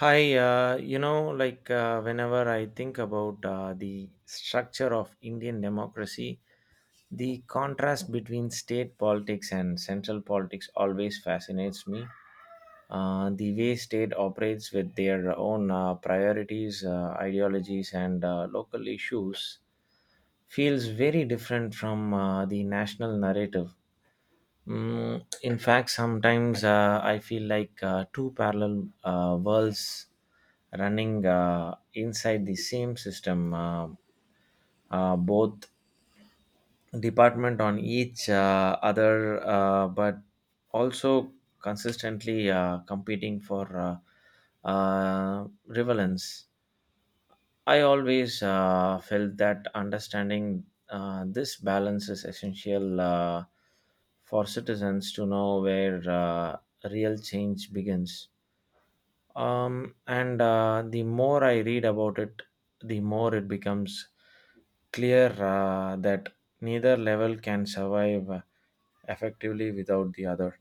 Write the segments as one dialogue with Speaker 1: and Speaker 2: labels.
Speaker 1: Hi, you know, like whenever I think about the structure of Indian democracy, the contrast between state politics and central politics always fascinates me. The way state operates with their own priorities, ideologies, and local issues feels very different from the national narrative. In fact, sometimes I feel like two parallel worlds running inside the same system, both department on each other, but also consistently competing for relevance. I always felt that understanding this balance is essential for citizens to know where real change begins. And the more I read about it, the more it becomes clear that neither level can survive effectively without the other.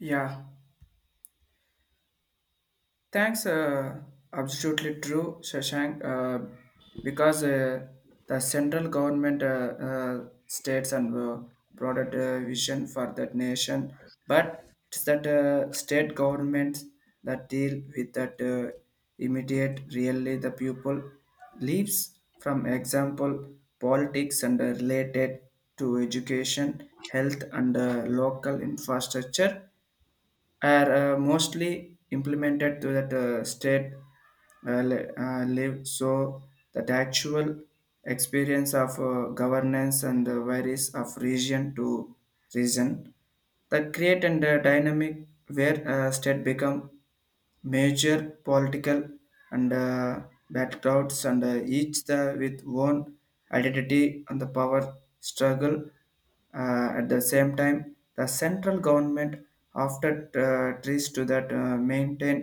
Speaker 2: Yeah, thanks. Absolutely true, Shashank. Because the central government, states, and broader vision for that nation, but it's that state governments that deal with that immediate, really the people leaves from example politics and related to education, health, and local infrastructure are mostly implemented to that state live so that actual experience of governance and the varies of region to region that create and dynamic where state become major political and backgrounds and each the with own identity and the power struggle. At the same time the central government often tries to that maintain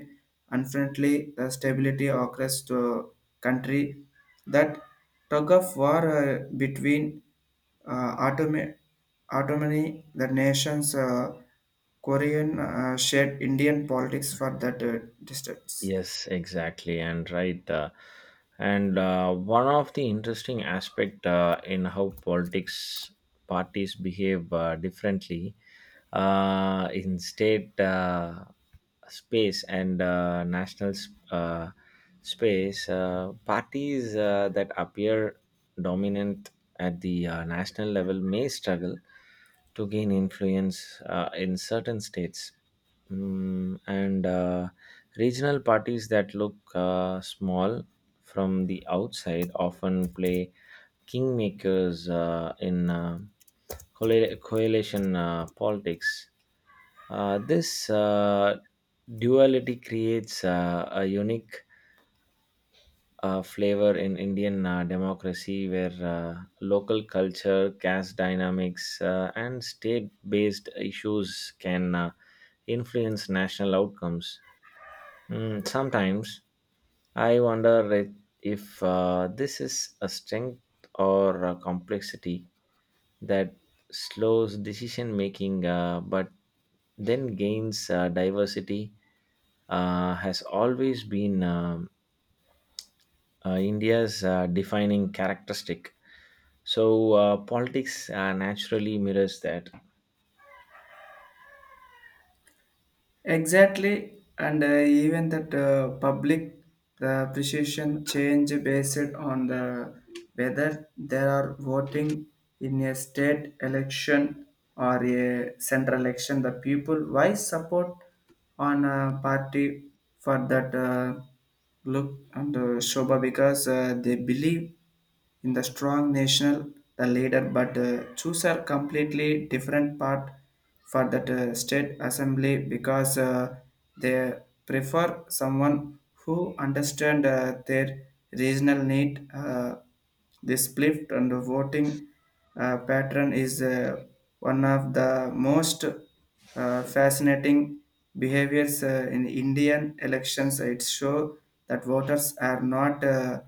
Speaker 2: unfriendly the stability across the country, that tug of war between autonomy, autonomy, the nations Korean shared Indian politics for that distance.
Speaker 1: Yes, exactly, and right. And one of the interesting aspect in how politics parties behave differently in state space and national space, parties that appear dominant at the national level may struggle to gain influence in certain states. Mm, and Regional parties that look small from the outside often play kingmakers in coalition politics. This duality creates a unique flavor in Indian democracy where local culture, caste dynamics, and state based issues can influence national outcomes. Sometimes I wonder if this is a strength or a complexity that slows decision making, but then gains diversity, has always been India's defining characteristic. So politics naturally mirrors that.
Speaker 2: Exactly, and even that public the appreciation change based on the whether they are voting in a state election or a central election. The people why support on a party for that look and Shobha because they believe. In the strong national, the leader but choose a completely different part for that state assembly because they prefer someone who understand their regional need. This split and voting pattern is one of the most fascinating behaviors in Indian elections. It show that voters are not uh,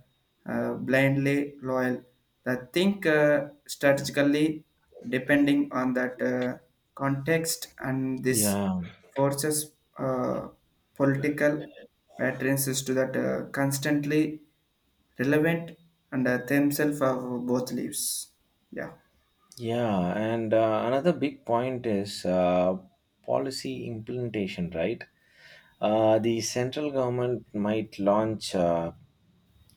Speaker 2: uh, blindly loyal. They think strategically depending on that context, and this
Speaker 1: Yeah,
Speaker 2: forces uh, political patterns is to that constantly relevant and themselves of both leaves. Yeah.
Speaker 1: yeah, and another big point is policy implementation, right? The central government might launch uh,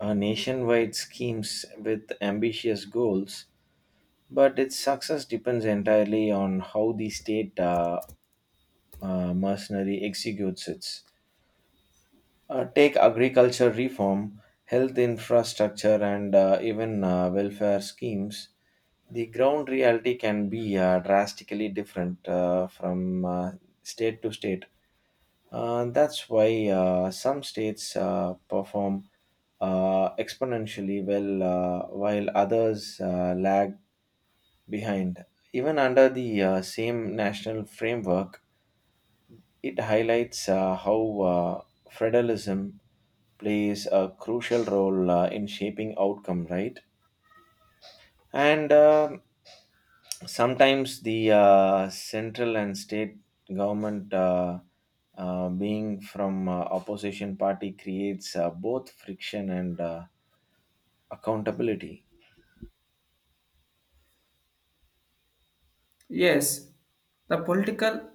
Speaker 1: uh, nationwide schemes with ambitious goals, but its success depends entirely on how the state mercenary executes it. Take agriculture reform, health infrastructure, and even welfare schemes. The ground reality can be drastically different from state to state. That's why some states perform exponentially well, while others lag behind. Even under the same national framework, it highlights how federalism plays a crucial role in shaping outcome, right? And sometimes the central and state government being from opposition party creates both friction and accountability.
Speaker 2: Yes, the political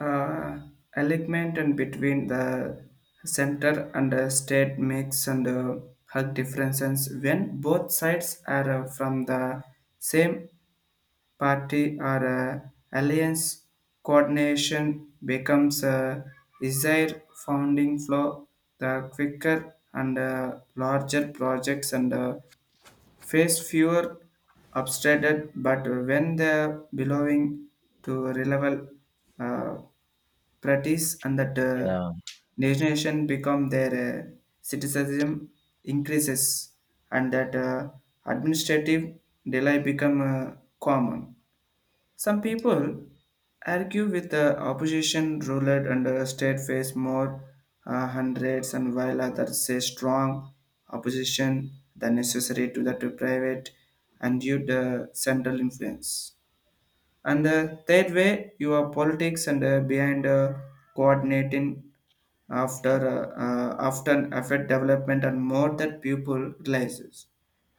Speaker 2: uh, alignment and between the center and the state makes and hug differences when both sides are from the same party or alliance. Coordination becomes a desired founding flow. The quicker and larger projects and face fewer obstacles, but when they are belonging to reliable uh, practice and that
Speaker 1: Yeah.
Speaker 2: nation become their citizenship increases and that administrative delay become common. Some people argue with the opposition ruled under state face more hundreds and while others say strong opposition than necessary to that to private and due to central influence. And the third way, your politics and behind coordinating after often affect development and more that pupil realizes.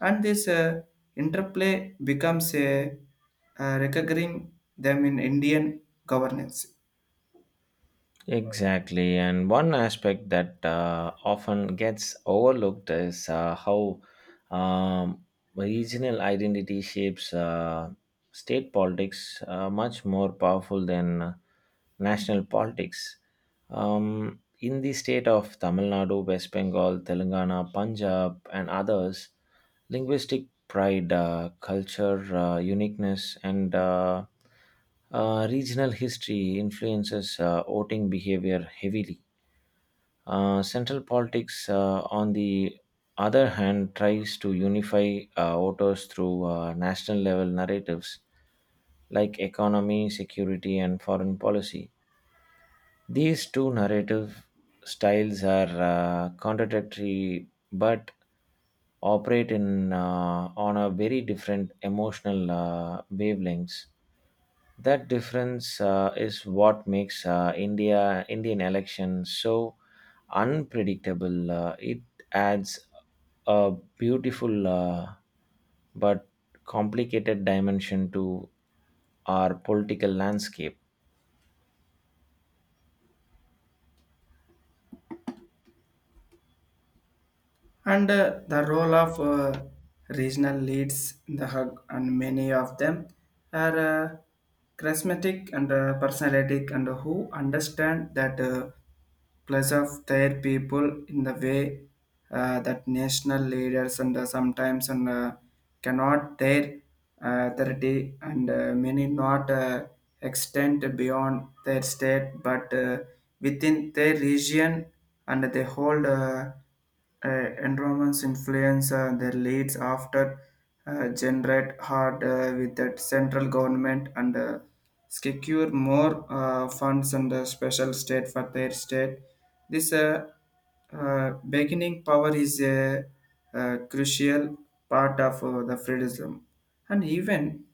Speaker 2: And this interplay becomes a recurring them in Indian governance.
Speaker 1: Exactly, and one aspect that often gets overlooked is how um, regional identity shapes state politics much more powerful than national politics. Um, in the state of Tamil Nadu, West Bengal, Telangana, Punjab, and others, linguistic pride, culture, uniqueness, and regional history influences voting behavior heavily. Central politics, on the other hand, tries to unify voters through national level narratives like economy, security, and foreign policy. These two narrative styles are contradictory but operate in on a very different emotional wavelengths. That difference is what makes Indian elections so unpredictable. It adds a beautiful but complicated dimension to our political landscape.
Speaker 2: And the role of regional leads in the hug, and many of them are charismatic and personality and who understand that plus of their people in the way that national leaders and sometimes and cannot their authority and many not extend beyond their state but within their region and they hold environments influence their leads after generate hard with that central government and secure more funds and special state for their state. This beginning power is a, crucial part of the freedom. And even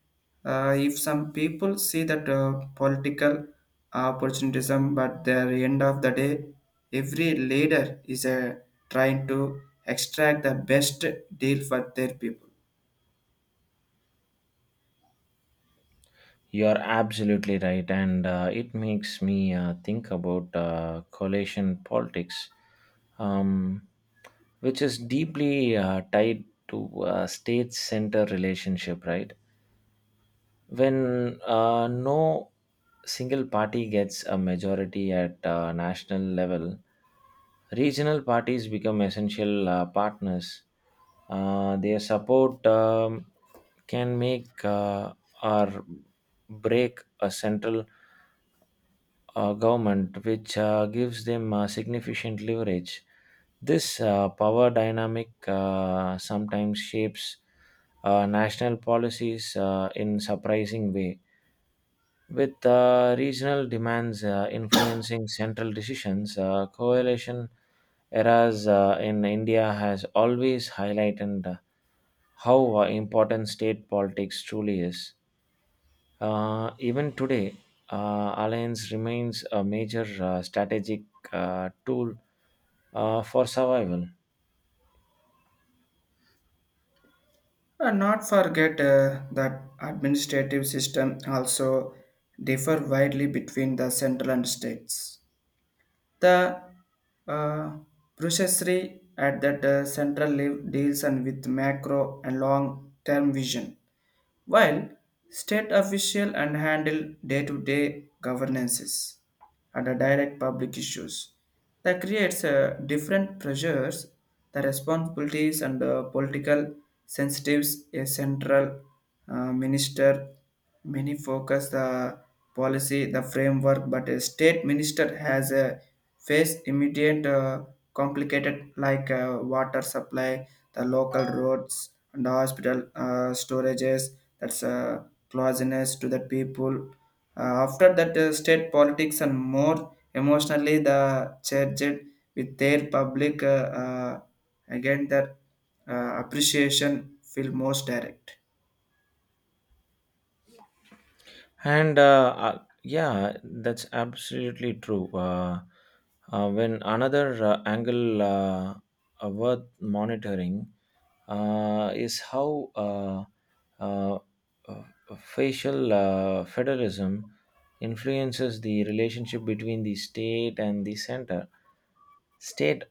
Speaker 2: if some people see that political opportunism, but at the end of the day, every leader is trying to extract the best deal for their people.
Speaker 1: You're absolutely right, and it makes me think about coalition politics, um, which is deeply tied to state-center relationship, right? When no single party gets a majority at national level, regional parties become essential partners. Their support can make or break a central government, which gives them significant leverage. This power dynamic sometimes shapes national policies in surprising way. With regional demands influencing central decisions, coalition eras in India has always highlighted how important state politics truly is. Even today, alliance remains a major strategic tool for survival.
Speaker 2: And not forget that administrative system also differ widely between the central and states. The uh, Bruchesri at that central level deals and with macro and long term vision while state officials and handle day-to-day governances and direct public issues. That creates different pressures, the responsibilities and political sensitives. A central minister many focus the policy, the framework, but a state minister has a face immediate complicated like water supply, the local roads and the hospital storages. That's closeness to the people after that, state politics and more emotionally the church with their public again their appreciation feel most direct.
Speaker 1: And yeah, that's absolutely true. When another angle worth monitoring is how uh, uh, facial federalism influences the relationship between the state and the center. State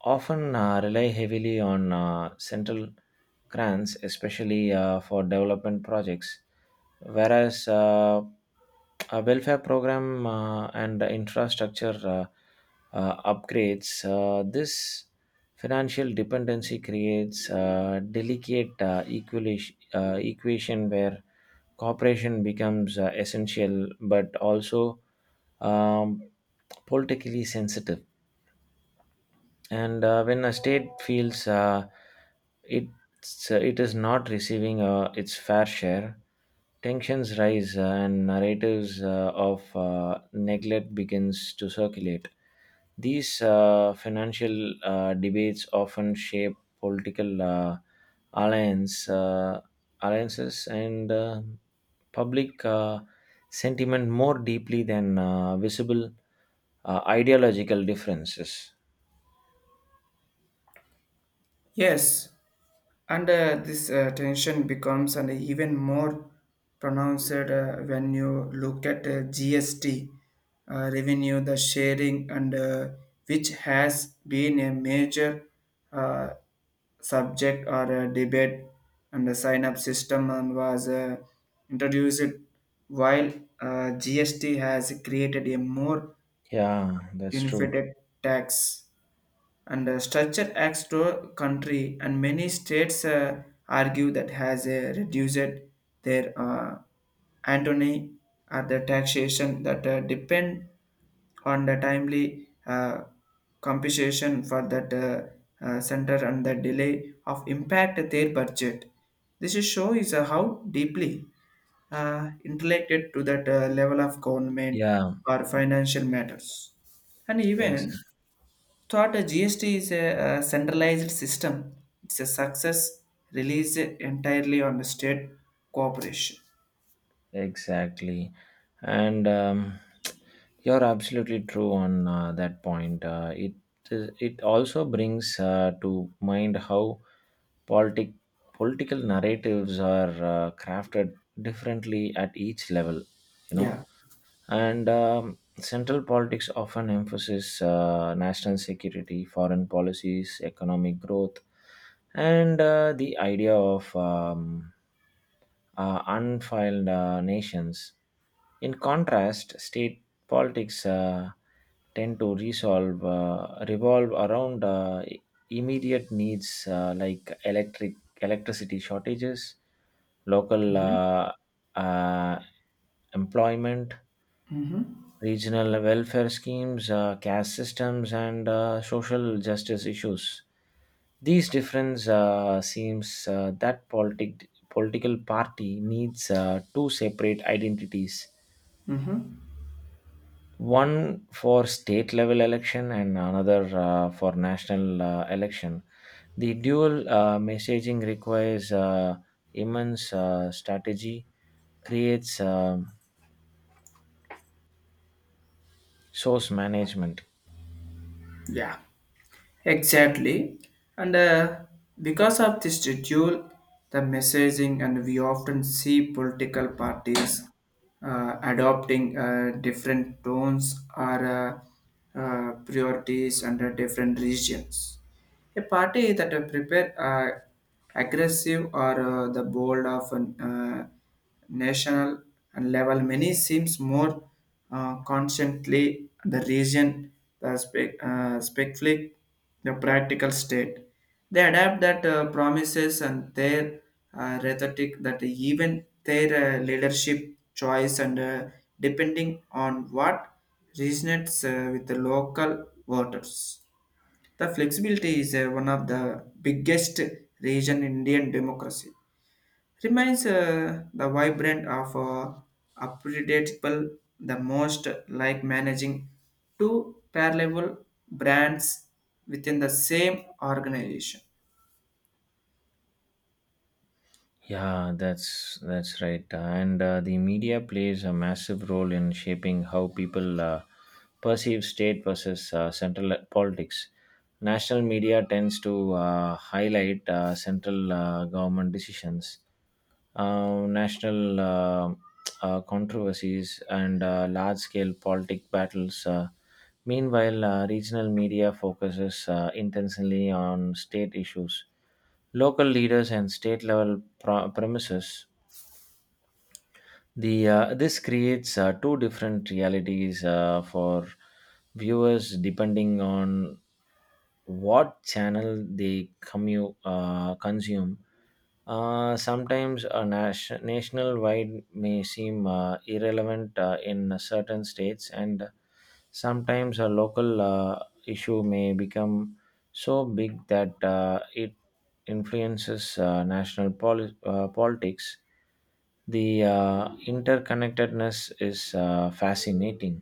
Speaker 1: often rely heavily on central grants, especially for development projects, whereas a welfare program and infrastructure upgrades. This financial dependency creates a delicate equation where cooperation becomes essential but also um, politically sensitive and when a state feels it is not receiving its fair share, tensions rise and narratives of neglect begins to circulate. These financial debates often shape political alliance, uh, alliances and public sentiment more deeply than visible ideological differences.
Speaker 2: Yes, and this tension becomes and even more pronounced when you look at GST revenue, the sharing, and which has been a major uh, subject or debate, and the sign-up system and was introduced while GST has created a more
Speaker 1: Yeah, that's true.
Speaker 2: unified tax and structure acts to country, and many states argue that has reduced their antony or the taxation that depend on the timely compensation for that center and the delay of impact their budget. This is show is how deeply interrelated to that level of government
Speaker 1: Yeah,
Speaker 2: or financial matters. And
Speaker 1: ex-
Speaker 2: even thought a GST is a, centralized system. It's a success released entirely on the state cooperation.
Speaker 1: exactly. And you're absolutely true on that point. It it also brings to mind how politic political narratives are crafted differently at each level. You know,
Speaker 2: Yeah.
Speaker 1: And central politics often emphasizes national security, foreign policies, economic growth, and the idea of unfiled nations. In contrast, state politics tend to revolve around immediate needs like electricity shortages, local uh, employment, regional welfare schemes, caste systems, and social justice issues. These difference seems that political party needs two separate identities.
Speaker 2: Mhm.
Speaker 1: One for state level election and another for national election. The dual messaging requires immense strategy, creates source management.
Speaker 2: Yeah. Exactly. And because of this schedule, the messaging, and we often see political parties adopting different tones or priorities under different regions. A party that prepare aggressive or the bold of an national and level many seems more constantly the region the specific the practical state, they adapt that promises and their rhetoric that even their leadership choice and depending on what resonates with the local voters. The flexibility is one of the biggest region in indian democracy, reminds the vibrant of unpredictable the most like managing two parallel brands within the same organization.
Speaker 1: Yeah, that's right. And the media plays a massive role in shaping how people perceive state versus central politics. National media tends to highlight central government decisions, national controversies, and large-scale politic battles. Meanwhile, regional media focuses intensely on state issues, local leaders and state level premises. The uh, this creates two different realities for viewers depending on what channel they consume. Sometimes a national wide may seem irrelevant in certain states and sometimes a local issue may become so big that it influences national politics. The interconnectedness is fascinating.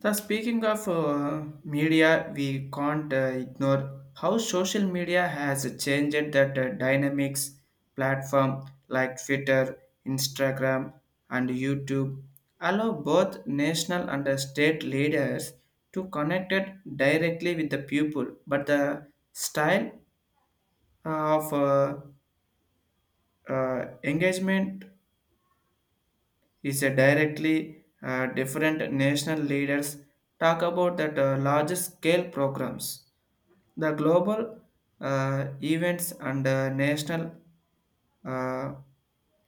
Speaker 2: The speaking of media, we can't ignore how social media has changed that dynamics platform like Twitter, Instagram, and YouTube allow both national and state leaders to connect it directly with the people. But the style of engagement is directly different. National leaders talk about that larger scale programs, the global events and national uh,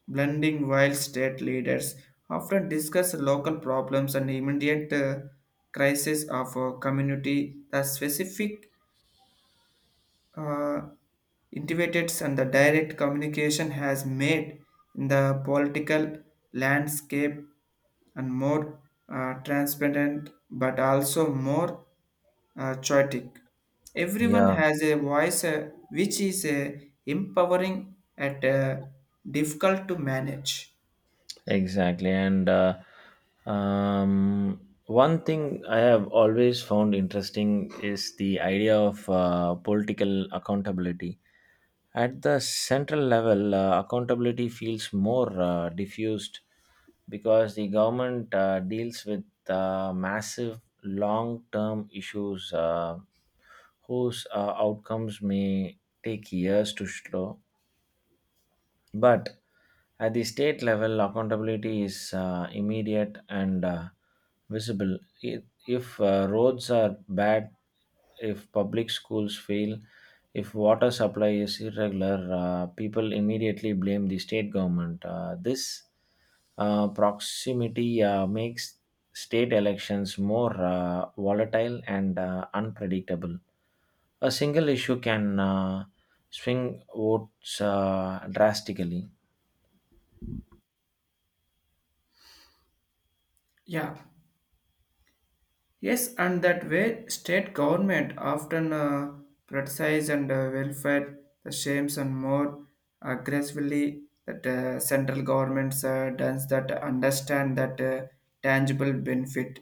Speaker 2: blending, while state leaders often discuss local problems and immediate crisis of a community, the specific uh, intimates and the direct communication has made in the political landscape and more transparent but also more chaotic. Everyone
Speaker 1: Yeah.
Speaker 2: has a voice which is empowering at difficult to manage.
Speaker 1: Exactly. And one thing I have always found interesting is the idea of political accountability. At the central level, accountability feels more diffused because the government deals with massive long term issues whose outcomes may take years to show, but at the state level, accountability is immediate and visible. If roads are bad, if public schools fail, if water supply is irregular, people immediately blame the state government. This proximity makes state elections more volatile and unpredictable. A single issue can swing votes drastically.
Speaker 2: Yeah. Yes, and that way state government often criticize and welfare the shames and more aggressively that central governments does that understand that tangible benefit.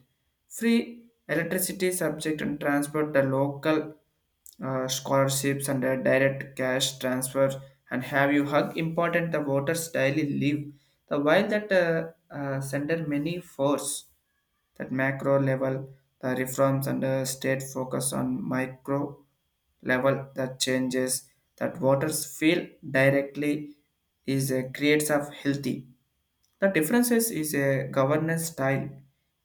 Speaker 2: Free electricity subject and transport the local scholarships and direct cash transfer and have you hug important the voters daily live, the while that sender many force that macro level, the reforms under state focus on micro level the changes that voters feel directly is a creates of healthy. The differences is a governance style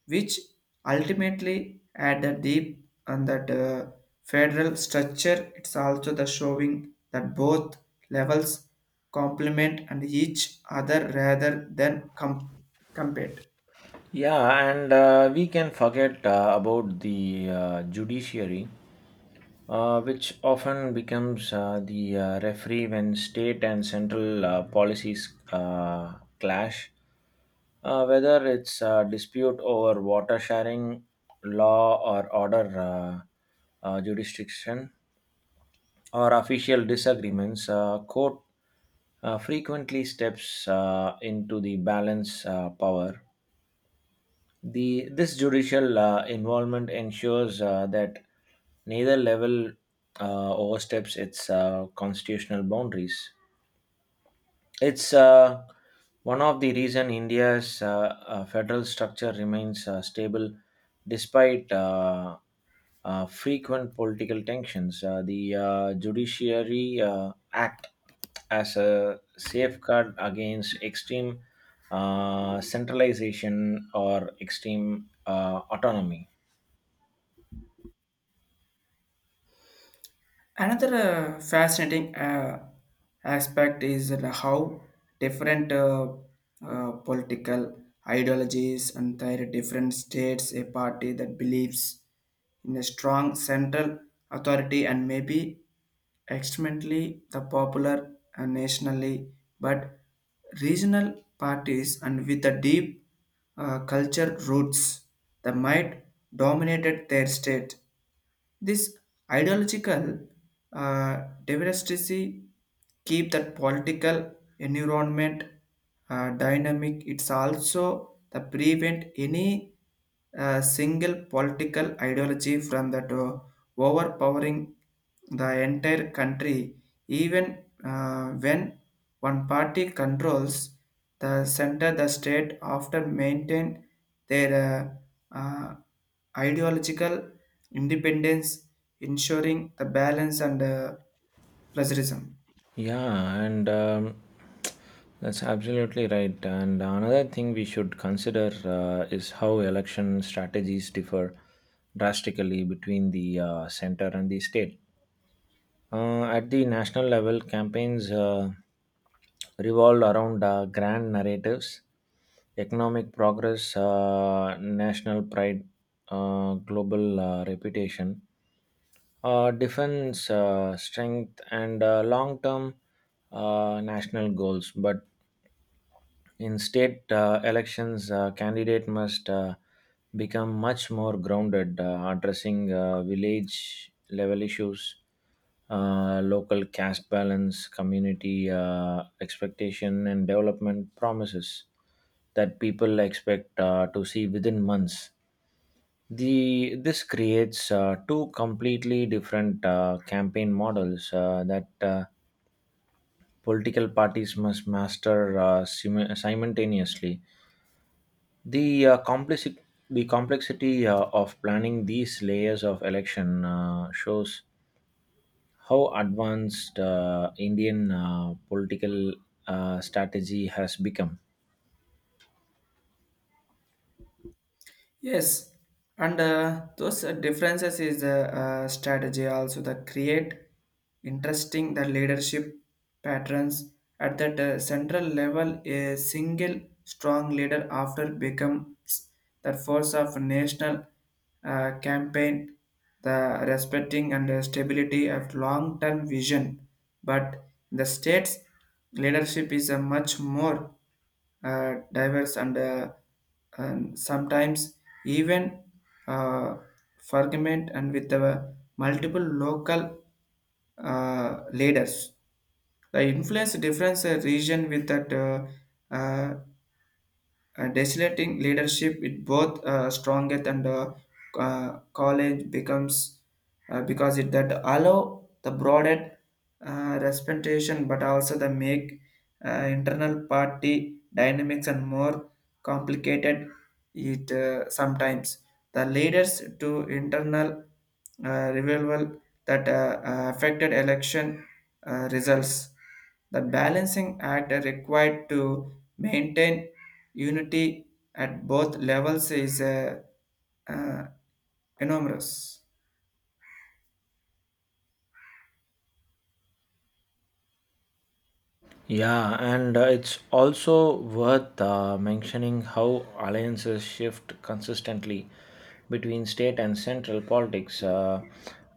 Speaker 2: which ultimately at the deep and that federal structure it's also the showing that both levels complement and each other rather than compete.
Speaker 1: Yeah, and we can forget about the judiciary, which often becomes the referee when state and central policies clash. Whether it's a dispute over water sharing, law or order jurisdiction, or official disagreements, court frequently steps into the balance power. The this judicial involvement ensures that neither level oversteps its constitutional boundaries. It's one of the reason India's federal structure remains stable despite frequent political tensions. The Judiciary Act as a safeguard against extreme centralization or extreme autonomy.
Speaker 2: Another fascinating aspect is that how different political ideologies and their different states, a party that believes in a strong central authority and maybe extremely the popular and nationally, but regional parties and with the deep culture roots that might dominated their state. This ideological diversity keep that political environment dynamic. It's also the prevent any single political ideology from that overpowering the entire country, even when one party controls the center, the state often maintain their uh, uh, ideological independence, ensuring the balance and plagiarism.
Speaker 1: Yeah, and that's absolutely right. And another thing we should consider is how election strategies differ drastically between the center and the state. At the national level, campaigns revolved around grand narratives, economic progress, national pride, global reputation, defense strength, and long term national goals. But in state elections, candidate must become much more grounded, addressing village level issues, local caste balance, community expectation, and development promises that people expect to see within months. The this creates two completely different campaign models that political parties must master simultaneously. The uh, complexity the complexity of planning these layers of election shows how advanced indian political strategy has become.
Speaker 2: Yes, and those differences is a strategy also that create interesting the leadership patterns at that central level. A single strong leader after becomes the force of national campaign, the respecting and stability of long-term vision. But the states leadership is a much more diverse and sometimes even uh, fragment and with the multiple local leaders. The influence difference region with that desolating leadership with both strongest and college becomes because it that allow the broader representation but also the make uh, internal party dynamics and more complicated. It sometimes the leaders to internal revival that affected election results, the balancing act required to maintain unity at both levels is uh, enormous.
Speaker 1: Yeah, and it's also worth mentioning how alliances shift consistently between state and central politics.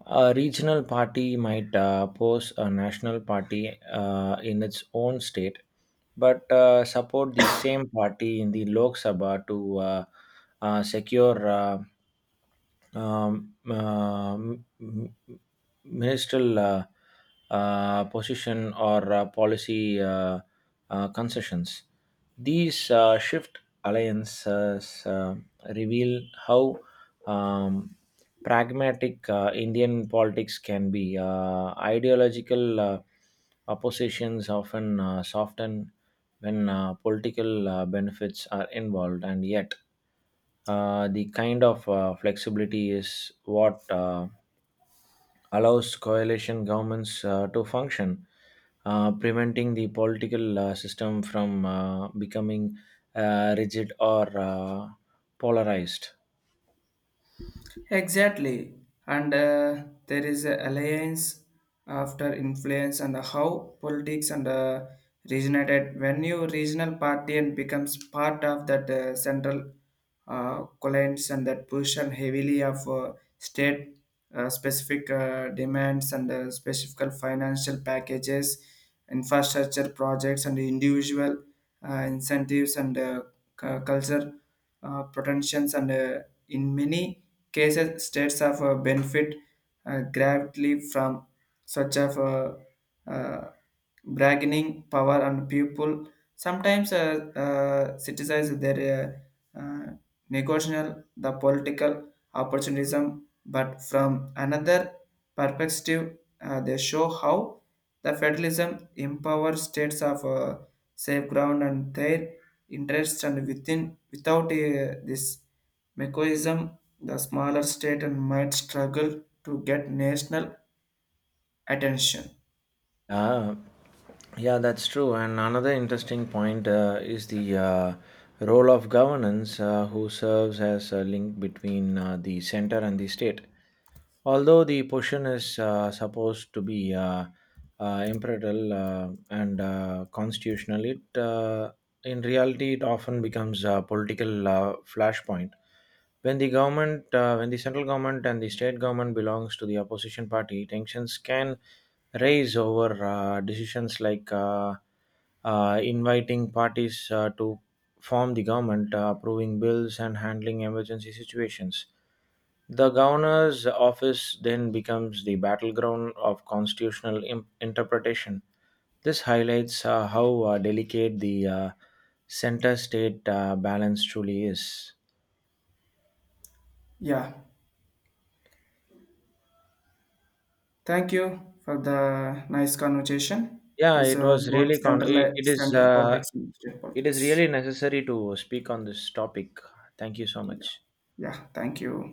Speaker 1: A regional party might oppose a national party in its own state, but support the same party in the Lok Sabha to secure um, uh, m- m- ministerial position or policy concessions. These shift alliances reveal how um, pragmatic Indian politics can be. Ideological oppositions often soften when political benefits are involved, and yet the kind of flexibility is what allows coalition governments to function, preventing the political system from becoming rigid or polarized.
Speaker 2: Exactly, and there is a alliance after influence and how politics and regenerated when new regional party and becomes part of that central alliance and that push and heavily of state specific demands and specific financial packages, infrastructure projects and individual incentives and culture protections and in many cases states of benefit greatly from such of uh, bargaining power and people sometimes criticize their uh, uh, negotiable the political opportunism but from another perspective they show how the federalism empowers states of safe ground and their interests and within without this mechanism, the smaller state and might struggle to get national attention.
Speaker 1: Ah, yeah, that's true. And another interesting point is the role of governance, who serves as a link between the center and the state. Although the position is supposed to be imperial and constitutional, it in reality it often becomes a political flashpoint. When the central government and the state government belongs to the opposition party, tensions can raise over decisions like inviting parties to form the government, approving bills, and handling emergency situations. The governor's office then becomes the battleground of constitutional interpretation. This highlights how delicate the center state balance truly is.
Speaker 2: Yeah, thank you for the nice conversation.
Speaker 1: Yeah,
Speaker 2: This
Speaker 1: it was
Speaker 2: both
Speaker 1: really con.
Speaker 2: central
Speaker 1: It is.
Speaker 2: central politics and state
Speaker 1: It is
Speaker 2: politics.
Speaker 1: really necessary to speak on this topic. Thank you so much.
Speaker 2: Yeah, thank you.